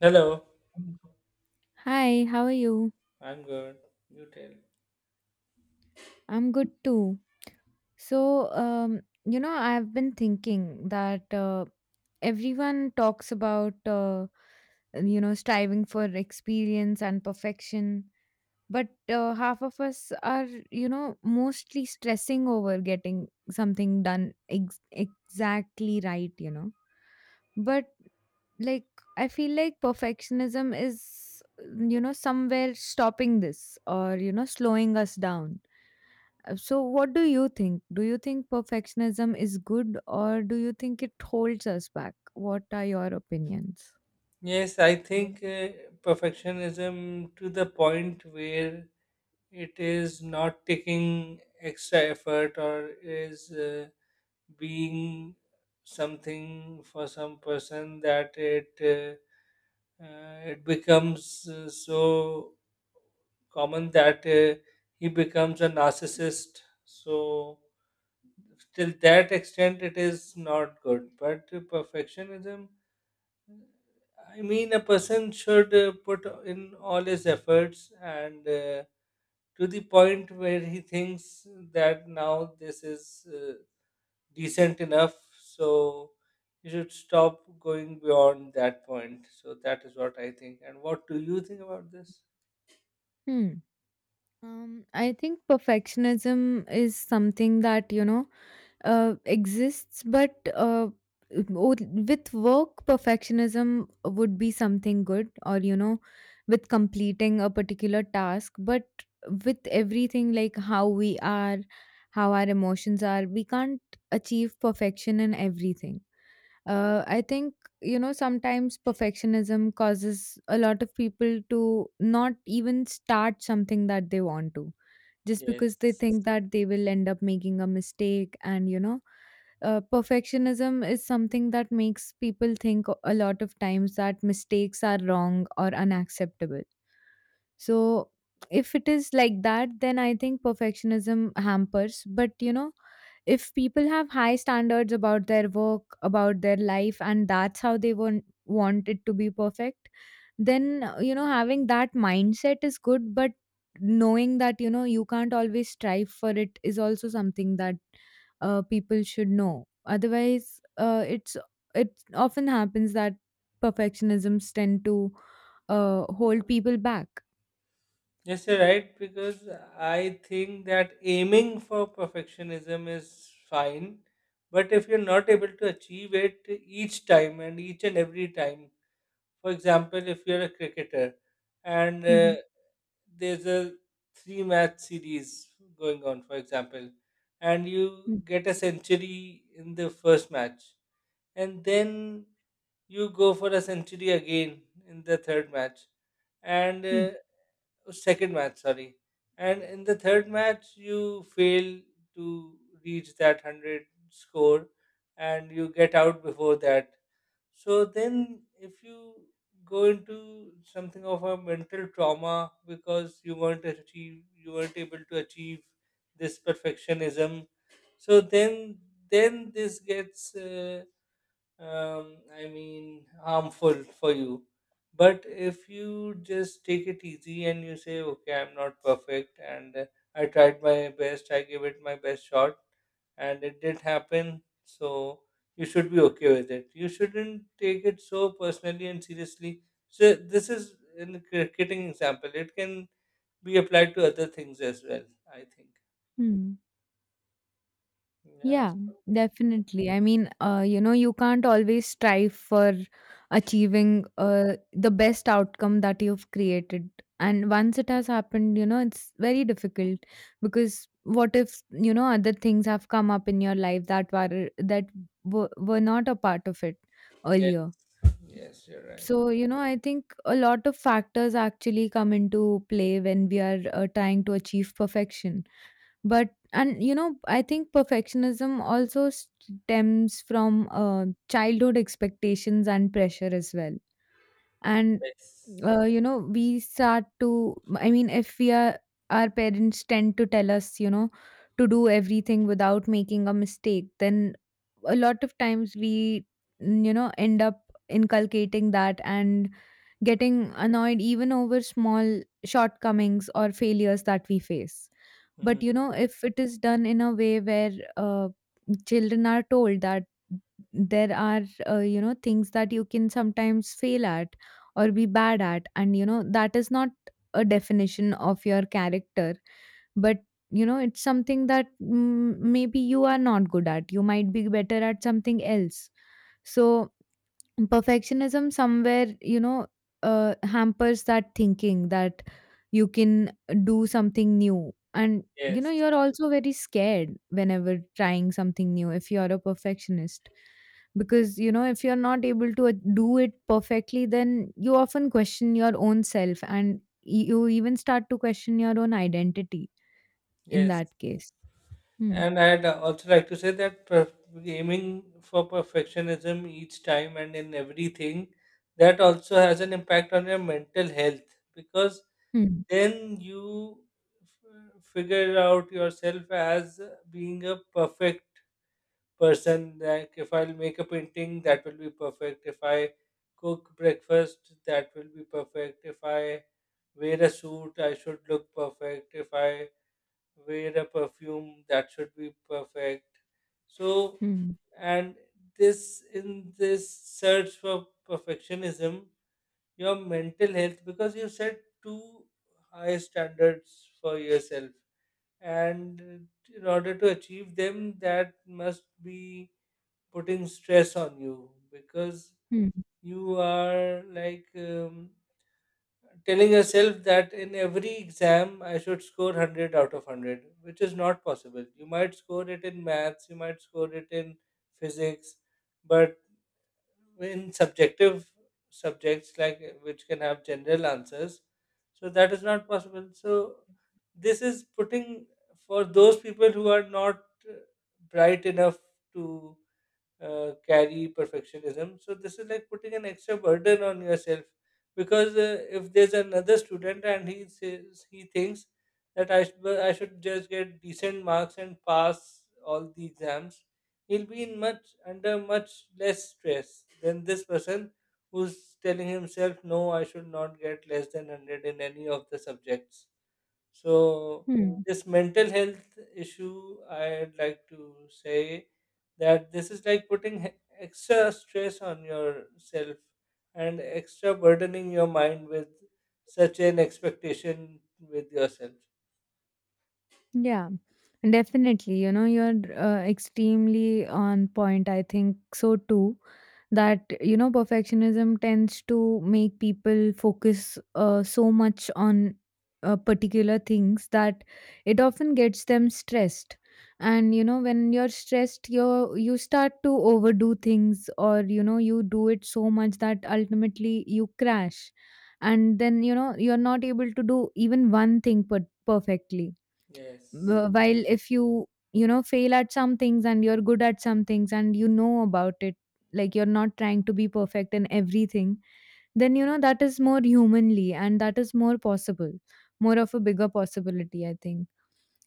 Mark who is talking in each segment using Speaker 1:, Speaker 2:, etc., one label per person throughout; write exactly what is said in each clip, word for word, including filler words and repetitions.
Speaker 1: Hello,
Speaker 2: Hi, how are you?
Speaker 1: I'm good. You tell.
Speaker 2: I'm good too. So, um, you know, I've been thinking that uh, everyone talks about, uh, you know, striving for experience and perfection, but uh, half of us are, you know, mostly stressing over getting something done ex- exactly right, you know. But like, I feel like perfectionism is, you know, somewhere stopping this or, you know, slowing us down. Uh, So, what do you think? Do you think perfectionism is good or do you think it holds us back? What are your opinions?
Speaker 1: Yes, I think uh, perfectionism to the point where it is not taking extra effort or is uh, being something for some person that it uh, uh, it becomes uh, so common that uh, he becomes a narcissist. So till that extent, it is not good. But perfectionism, I mean, a person should uh, put in all his efforts and uh, to the point where he thinks that now this is uh, decent enough. So he should stop going beyond that point. So that is what I think. And what do you think about this?
Speaker 2: Hmm. Um, I think perfectionism is something that, you know, uh, exists, but uh, o- with work, perfectionism would be something good, or you know, with completing a particular task. But with everything, like how we are, how our emotions are, we can't achieve perfection in everything. Uh, I think you know sometimes perfectionism causes a lot of people to not even start something that they want to, just
Speaker 1: Yes.
Speaker 2: because they think that they will end up making a mistake. And you know, uh, perfectionism is something that makes people think a lot of times that mistakes are wrong or unacceptable. So if it is like that, then I think perfectionism hampers. But you know, if people have high standards about their work, about their life, and that's how they want, want it to be perfect, then, uh, you know, having that mindset is good. But knowing that, you know, you can't always strive for it is also something that uh, people should know. Otherwise, uh, it's it often happens that perfectionisms tend to uh, hold people back.
Speaker 1: Yes, you're right, because I think that aiming for perfectionism is fine, but if you're not able to achieve it each time and each and every time. For example, if you're a cricketer, and
Speaker 2: Hmm.
Speaker 1: uh, there's a three match series going on, for example, and you
Speaker 2: Mm.
Speaker 1: get a century in the first match, and then you go for a century again in the third match, and
Speaker 2: Mm.
Speaker 1: uh, second match, sorry. And in the third match, you fail to reach that one hundred score and you get out before that. So then, if you go into something of a mental trauma because you weren't achieve, you weren't able to achieve this perfectionism. So then, then this gets uh, um, I mean, harmful for you. But if you just take it easy and you say, okay, I'm not perfect and uh, I tried my best, I gave it my best shot, and it did happen, so you should be okay with it. You shouldn't take it so personally and seriously. So, this is in cricketing example, it can be applied to other things as well, I think.
Speaker 2: Mm.
Speaker 1: Yeah,
Speaker 2: Yeah,
Speaker 1: so,
Speaker 2: definitely. I mean, uh, you know, you can't always strive for achieving uh, the best outcome that you've created. And once it has happened, you know, it's very difficult because what if, you know, other things have come up in your life that were that were, were not a part of it
Speaker 1: yeah,
Speaker 2: earlier.
Speaker 1: yes, you're right.
Speaker 2: So, you know, I think a lot of factors actually come into play when we are uh, trying to achieve perfection. But and you know I think perfectionism also stems from uh, childhood expectations and pressure as well. And
Speaker 1: Yes.
Speaker 2: uh, you know we start to, I mean, if we are, our parents tend to tell us, you know, to do everything without making a mistake, then a lot of times we, mm, you know, end up inculcating that, and getting annoyed even over small shortcomings or failures that we face. But
Speaker 1: Mm,
Speaker 2: you know, if it is done in a way where uh, children are told that there are uh, you know things that you can sometimes fail at or be bad at, and you know that is not a definition of your character, but you know it's something that, mm, maybe you are not good at. You might be better at something else. So perfectionism somewhere you know uh, hampers that thinking that you can do something new, and you know
Speaker 1: yes.
Speaker 2: you're also very scared whenever trying something new if you're a perfectionist, because you know if you're not able to uh, do it perfectly, then you often question your own self and y- you even start to question your own identity in
Speaker 1: Yes,
Speaker 2: that case. Hmm.
Speaker 1: and I'd also like to say that per- aiming for perfectionism each time and in everything, that also has an impact on your mental health, because
Speaker 2: Hmm.
Speaker 1: then you f- figure out yourself as being a perfect person. Like if I'll make a painting, that will be perfect. If I cook breakfast, that will be perfect. If I wear a suit, I should look perfect. If I wear a perfume, that should be perfect. So,
Speaker 2: Hmm.
Speaker 1: and this, in this search for perfectionism, your mental health, because you set too high standards for yourself, and in order to achieve them, that must be putting stress on you, because
Speaker 2: Hmm.
Speaker 1: you are like. Um, telling yourself that in every exam I should score one hundred out of one hundred, which is not possible. You might score it in maths, you might score it in physics, but in subjective subjects, like uh, which can have general answers, so that is not possible. So this is putting, for those people who are not uh, bright enough to uh, carry perfectionism. So this is like putting an extra burden on yourself, because uh, if there's another student and he says he thinks that I should, well, I should just get decent marks and pass all the exams, he'll be in much, under much less stress than this person who's telling himself no, I should not get less than hundred in any of the subjects. So
Speaker 2: Hmm.
Speaker 1: this mental health issue, I'd like to say that this is like putting he- extra stress on yourself and extra burdening your mind with such an expectation with yourself.
Speaker 2: Yeah, definitely. You know, you're uh, extremely on point. I think so too. That, you know, perfectionism tends to make people focus uh, so much on uh, particular things that it often gets them stressed. And, you know, when you're stressed, you you start to overdo things or, you know, you do it so much that ultimately you crash. And then, you know, you're not able to do even one thing per- perfectly.
Speaker 1: Yes.
Speaker 2: Wh- while if you, you know, fail at some things and you're good at some things and you know about it, like you're not trying to be perfect in everything, then you know that is more humanly and that is more possible, more of a bigger possibility, i think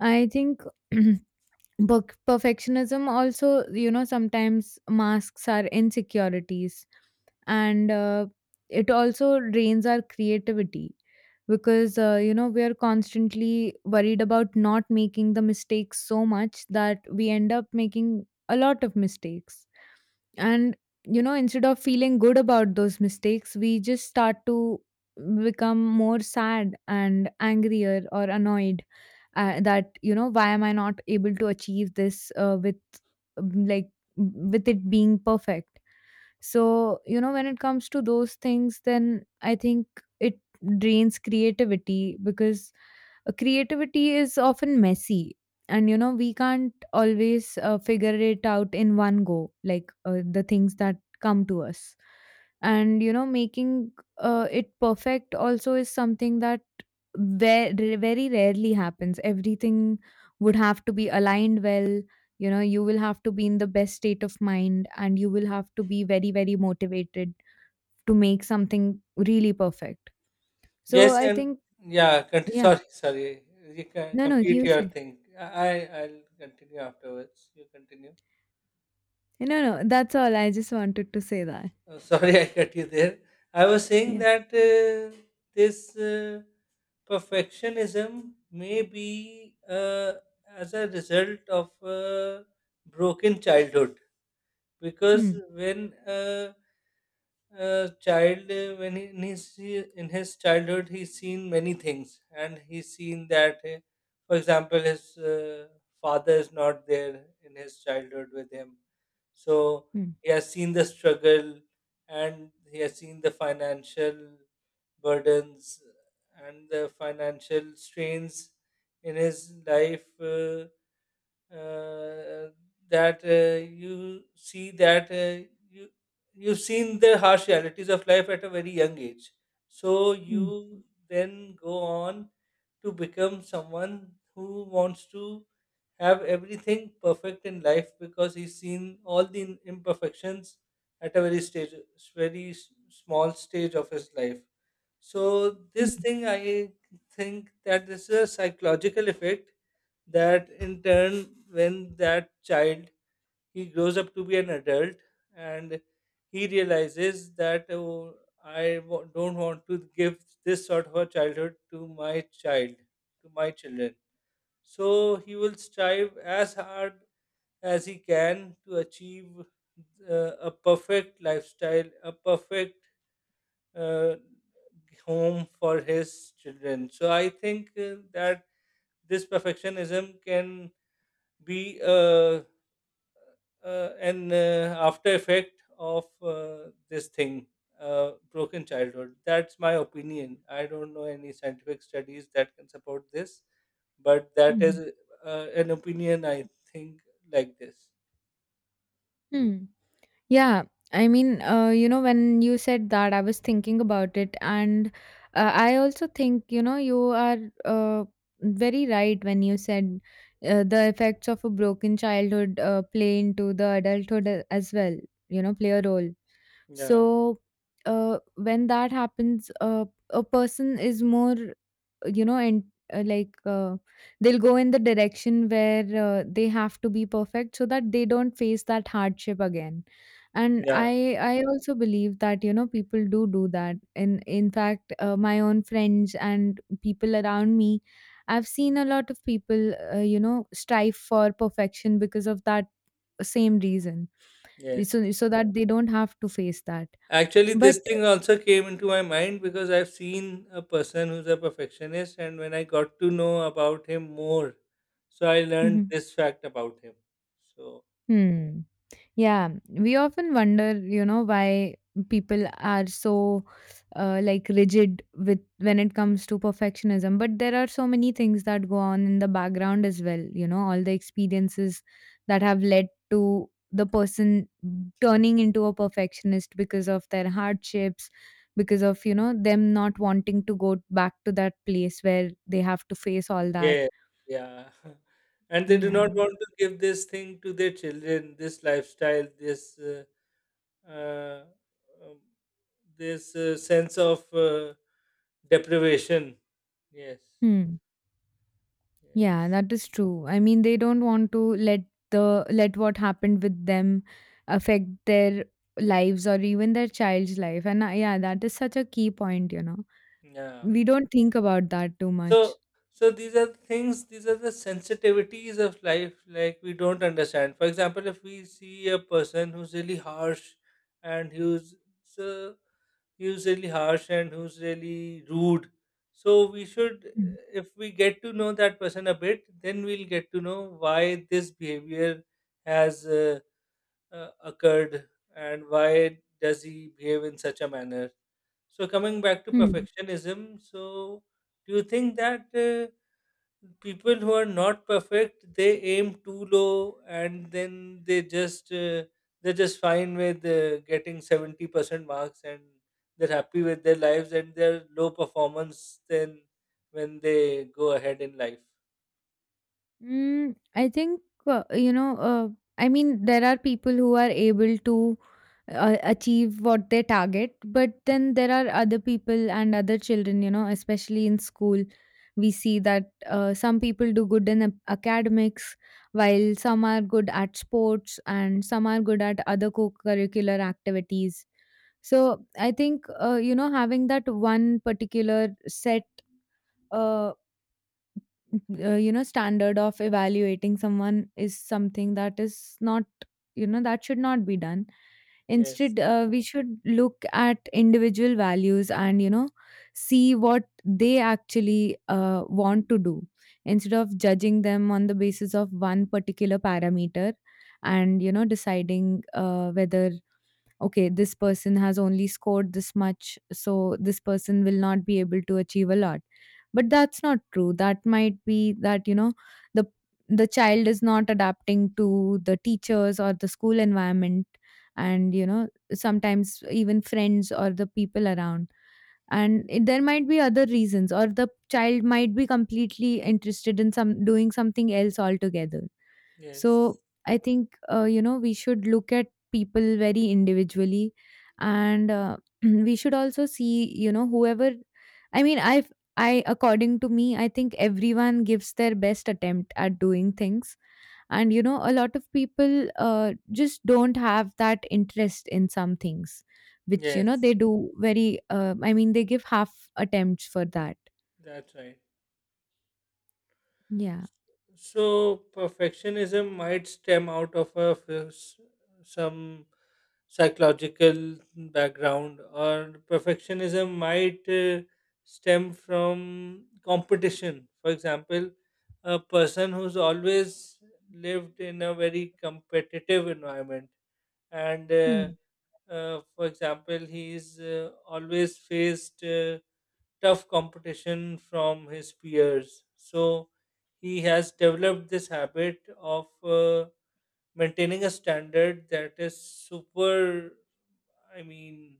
Speaker 2: i think Book perfectionism also, you know, sometimes masks our insecurities, and uh, it also drains our creativity, because, uh, you know, we are constantly worried about not making the mistakes so much that we end up making a lot of mistakes. And, you know, instead of feeling good about those mistakes, we just start to become more sad and angrier or annoyed, uh, that you know why am I not able to achieve this, uh, with um, like with it being perfect. So you know when it comes to those things, then I think it drains creativity because uh, creativity is often messy, and you know we can't always uh, figure it out in one go, like uh, the things that come to us. And you know making uh, it perfect also is something that Ve very rarely happens. Everything would have to be aligned well, you know, you will have to be in the best state of mind, and you will have to be very, very motivated to make something really perfect. So
Speaker 1: Yes,
Speaker 2: I
Speaker 1: and
Speaker 2: think
Speaker 1: yeah, con-
Speaker 2: yeah.
Speaker 1: sorry, sorry. You can
Speaker 2: No, no,
Speaker 1: complete
Speaker 2: you
Speaker 1: your
Speaker 2: say.
Speaker 1: thing. I I'll continue afterwards. You continue.
Speaker 2: No, no, that's all. I just wanted to say that.
Speaker 1: Oh, sorry, I cut you there. I was saying
Speaker 2: Yeah.
Speaker 1: that uh, this uh, perfectionism may be uh, as a result of a broken childhood, because
Speaker 2: Mm,
Speaker 1: when uh, uh, child uh, when he, in his in his childhood, he's seen many things, and he's seen that uh, for example, his uh, father is not there in his childhood with him, so
Speaker 2: mm,
Speaker 1: he has seen the struggle, and he has seen the financial burdens and the financial strains in his life, uh, uh, that uh, you see that uh, you you've seen the harsh realities of life at a very young age, so
Speaker 2: mm,
Speaker 1: you then go on to become someone who wants to have everything perfect in life, because he's seen all the imperfections at a very stage, very s- small stage of his life. So this
Speaker 2: mm,
Speaker 1: thing, I think that this is a psychological effect, that in turn, when that child, he grows up to be an adult, and he realizes that oh, I w- don't want to give this sort of a childhood to my child, to my children. So he will strive as hard as he can to achieve uh, a perfect lifestyle, a perfect uh, home for his children. So I think uh, that this perfectionism can be uh, uh, an uh, after effect of uh, this thing, uh, broken childhood. That's my opinion. I don't know any scientific studies that can support this, but that is
Speaker 2: mhm,
Speaker 1: uh, an opinion I think like this.
Speaker 2: mm. Yeah, I mean, uh, you know, when you said that, I was thinking about it, and uh, I also think, you know, you are uh, very right when you said uh, the effects of a broken childhood uh, play into the adulthood a- as well, you know, play a role.
Speaker 1: Yeah,
Speaker 2: So, uh, when that happens, uh, a person is more, you know, and uh, like uh, they'll go in the direction where uh, they have to be perfect so that they don't face that hardship again. And
Speaker 1: yeah,
Speaker 2: i i also believe that you know people do do that. And in fact uh, my own friends and people around me, I've seen a lot of people uh, you know strive for perfection because of that same reason.
Speaker 1: yes.
Speaker 2: So, so that they don't have to face that,
Speaker 1: Actually, this
Speaker 2: but
Speaker 1: thing also came into my mind because I've seen a person who's a perfectionist, and when I got to know about him more, so I learned
Speaker 2: Mhm.
Speaker 1: this fact about him. So,
Speaker 2: Hmm. Yeah, we often wonder, you know, why people are so uh, like rigid with when it comes to perfectionism. But there are so many things that go on in the background as well, you know, all the experiences that have led to the person turning into a perfectionist because of their hardships, because of, you know, them not wanting to go back to that place where they have to face all that.
Speaker 1: yeah, yeah. And they do not
Speaker 2: Yeah.
Speaker 1: want to give this thing to their children, this lifestyle, this uh, uh, um, this uh, sense of uh, deprivation. Yes,
Speaker 2: Hmm. Yeah,
Speaker 1: yes,
Speaker 2: that is true. I mean, they don't want to let the let what happened with them affect their lives or even their child's life. And uh, yeah, that is such a key point, you know.
Speaker 1: yeah.
Speaker 2: We don't think about that too
Speaker 1: So,
Speaker 2: much.
Speaker 1: so these are the things, these are the sensitivities of life. Like, we don't understand, for example, if we see a person who's really harsh and who's so, who's really harsh and who's really rude, so we should, if we get to know that person a bit, then we'll get to know why this behavior has uh, uh, occurred, and why does he behave in such a manner. So coming back to
Speaker 2: Hmm.
Speaker 1: perfectionism, so do you think that uh, people who are not perfect, they aim too low, and then they just uh, they're just fine with uh, getting seventy percent marks and they're happy with their lives and their low performance, then when they go ahead in life.
Speaker 2: Mm, I think, uh, you know, uh, I mean, there are people who are able to uh, achieve what they target, but then there are other people and other children, you know, especially in school. We see that uh, some people do good in a- academics, while some are good at sports and some are good at other co curricular activities. So I think, uh, you know, having that one particular set. Uh, uh, you know, standard of evaluating someone is something that is not, you know, that should not be done.
Speaker 1: Yes,
Speaker 2: Instead uh, we should look at individual values, and you know see what they actually uh, want to do, instead of judging them on the basis of one particular parameter, and you know deciding uh, whether okay this person has only scored this much so this person will not be able to achieve a lot. But that's not true. That might be that you know the the child is not adapting to the teachers or the school environment, and you know sometimes even friends or the people around, and it, there might be other reasons, or the child might be completely interested in some doing something else altogether.
Speaker 1: yes,
Speaker 2: So I think, uh, you know, we should look at people very individually, and uh, we should also see, you know, whoever, I mean, I, I, according to me, I think everyone gives their best attempt at doing things. And, you know, a lot of people uh, just don't have that interest in some things, which, you know,
Speaker 1: yes,
Speaker 2: they do very, uh, I mean, they give half attempts for that.
Speaker 1: that's right.
Speaker 2: Yeah.
Speaker 1: So perfectionism might stem out of a f- s- some psychological background, or perfectionism might uh, stem from competition. For example, a person who's always lived in a very competitive environment, and uh,
Speaker 2: Hmm.
Speaker 1: uh, for example, he's uh, always faced. Uh, tough competition from his peers. So he has developed this habit of uh, maintaining a standard that is super, I mean,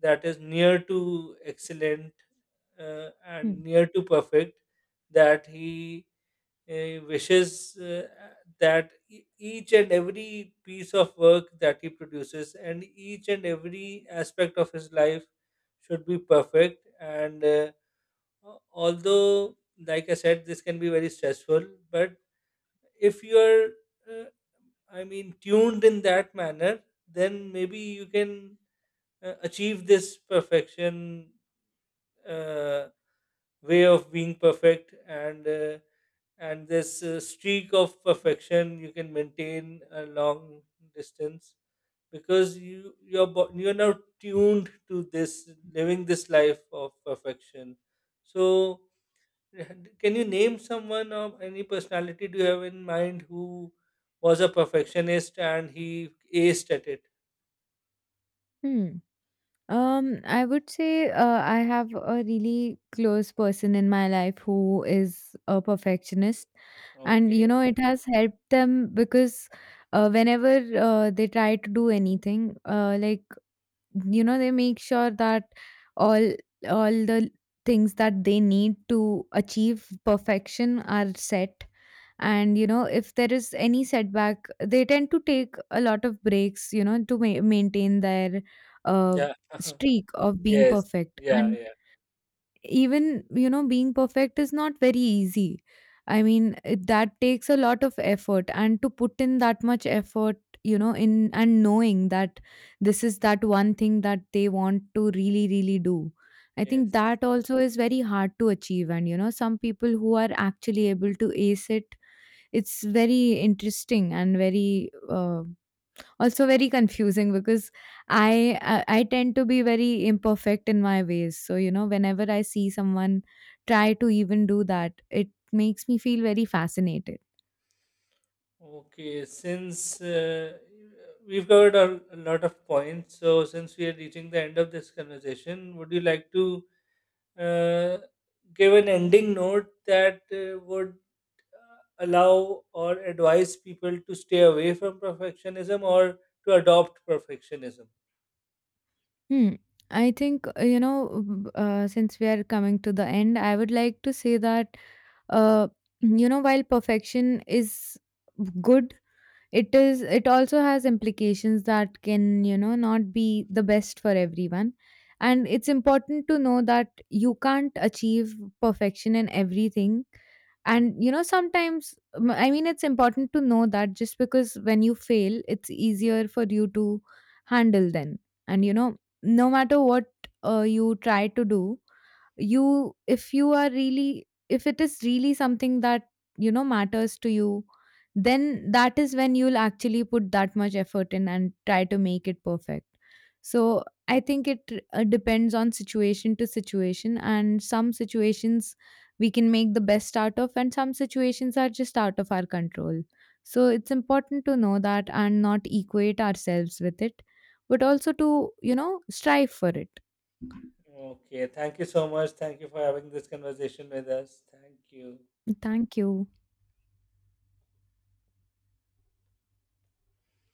Speaker 1: that is near to excellent uh, and
Speaker 2: Hmm.
Speaker 1: near to perfect, that he uh, wishes uh, that e- each and every piece of work that he produces and each and every aspect of his life should be perfect, and uh, uh, although like I said, this can be very stressful, but if you're uh, I mean, tuned in that manner, then maybe you can uh, achieve this perfection, uh, way of being perfect, and uh, and this uh, streak of perfection you can maintain a long distance, because you your bo- you're now tuned to this, living this life of perfection. So, can you name someone, or any personality do you have in mind who was a perfectionist and he aced at it?
Speaker 2: Hmm. Um, I would say uh, I have a really close person in my life who is a perfectionist, and you
Speaker 1: Okay.
Speaker 2: know it has helped them because uh, whenever uh, they try to do anything, uh, like you know they make sure that all all the things that they need to achieve perfection are set. And you know if there is any setback they tend to take a lot of breaks, you know, to ma- maintain their uh,
Speaker 1: Yeah.
Speaker 2: streak of being
Speaker 1: Yes.
Speaker 2: perfect.
Speaker 1: Yeah.
Speaker 2: And
Speaker 1: Yeah.
Speaker 2: even you know being perfect is not very easy. I mean it, that takes a lot of effort, and to put in that much effort, you know, in and knowing that this is that one thing that they want to really really do, I think
Speaker 1: Yes.
Speaker 2: that also is very hard to achieve. And you know some people who are actually able to ace it, it's very interesting and very uh, also very confusing, because I, I i tend to be very imperfect in my ways, so you know whenever I see someone try to even do that it makes me feel very fascinated.
Speaker 1: Okay. Since uh, we've covered a, a lot of points, so since we are reaching the end of this conversation, would you like to uh, give an ending note that uh, would allow or advise people to stay away from perfectionism, or to adopt perfectionism.
Speaker 2: Hmm. I think uh, you know w- uh, since we are coming to the end I would like to say that uh, you know while perfection is good, it is, it also has implications that can you know not be the best for everyone. And it's important to know that you can't achieve perfection in everything. And you know sometimes m- I mean it's important to know that, just because when you fail it's easier for you to handle then. And you know no matter what uh, you try to do, you, if you are really, if it is really something that you know matters to you, then that is when you'll actually put that much effort in and try to make it perfect. So I think it uh, depends on situation to situation. And some situations we can make the best out of, and some situations are just out of our control. So it's important to know that and not equate ourselves with it, but also to you know strive for it.
Speaker 1: Okay, thank you so much. Thank you for having this conversation with us. Thank you. Thank
Speaker 2: Thank
Speaker 1: you.
Speaker 2: you.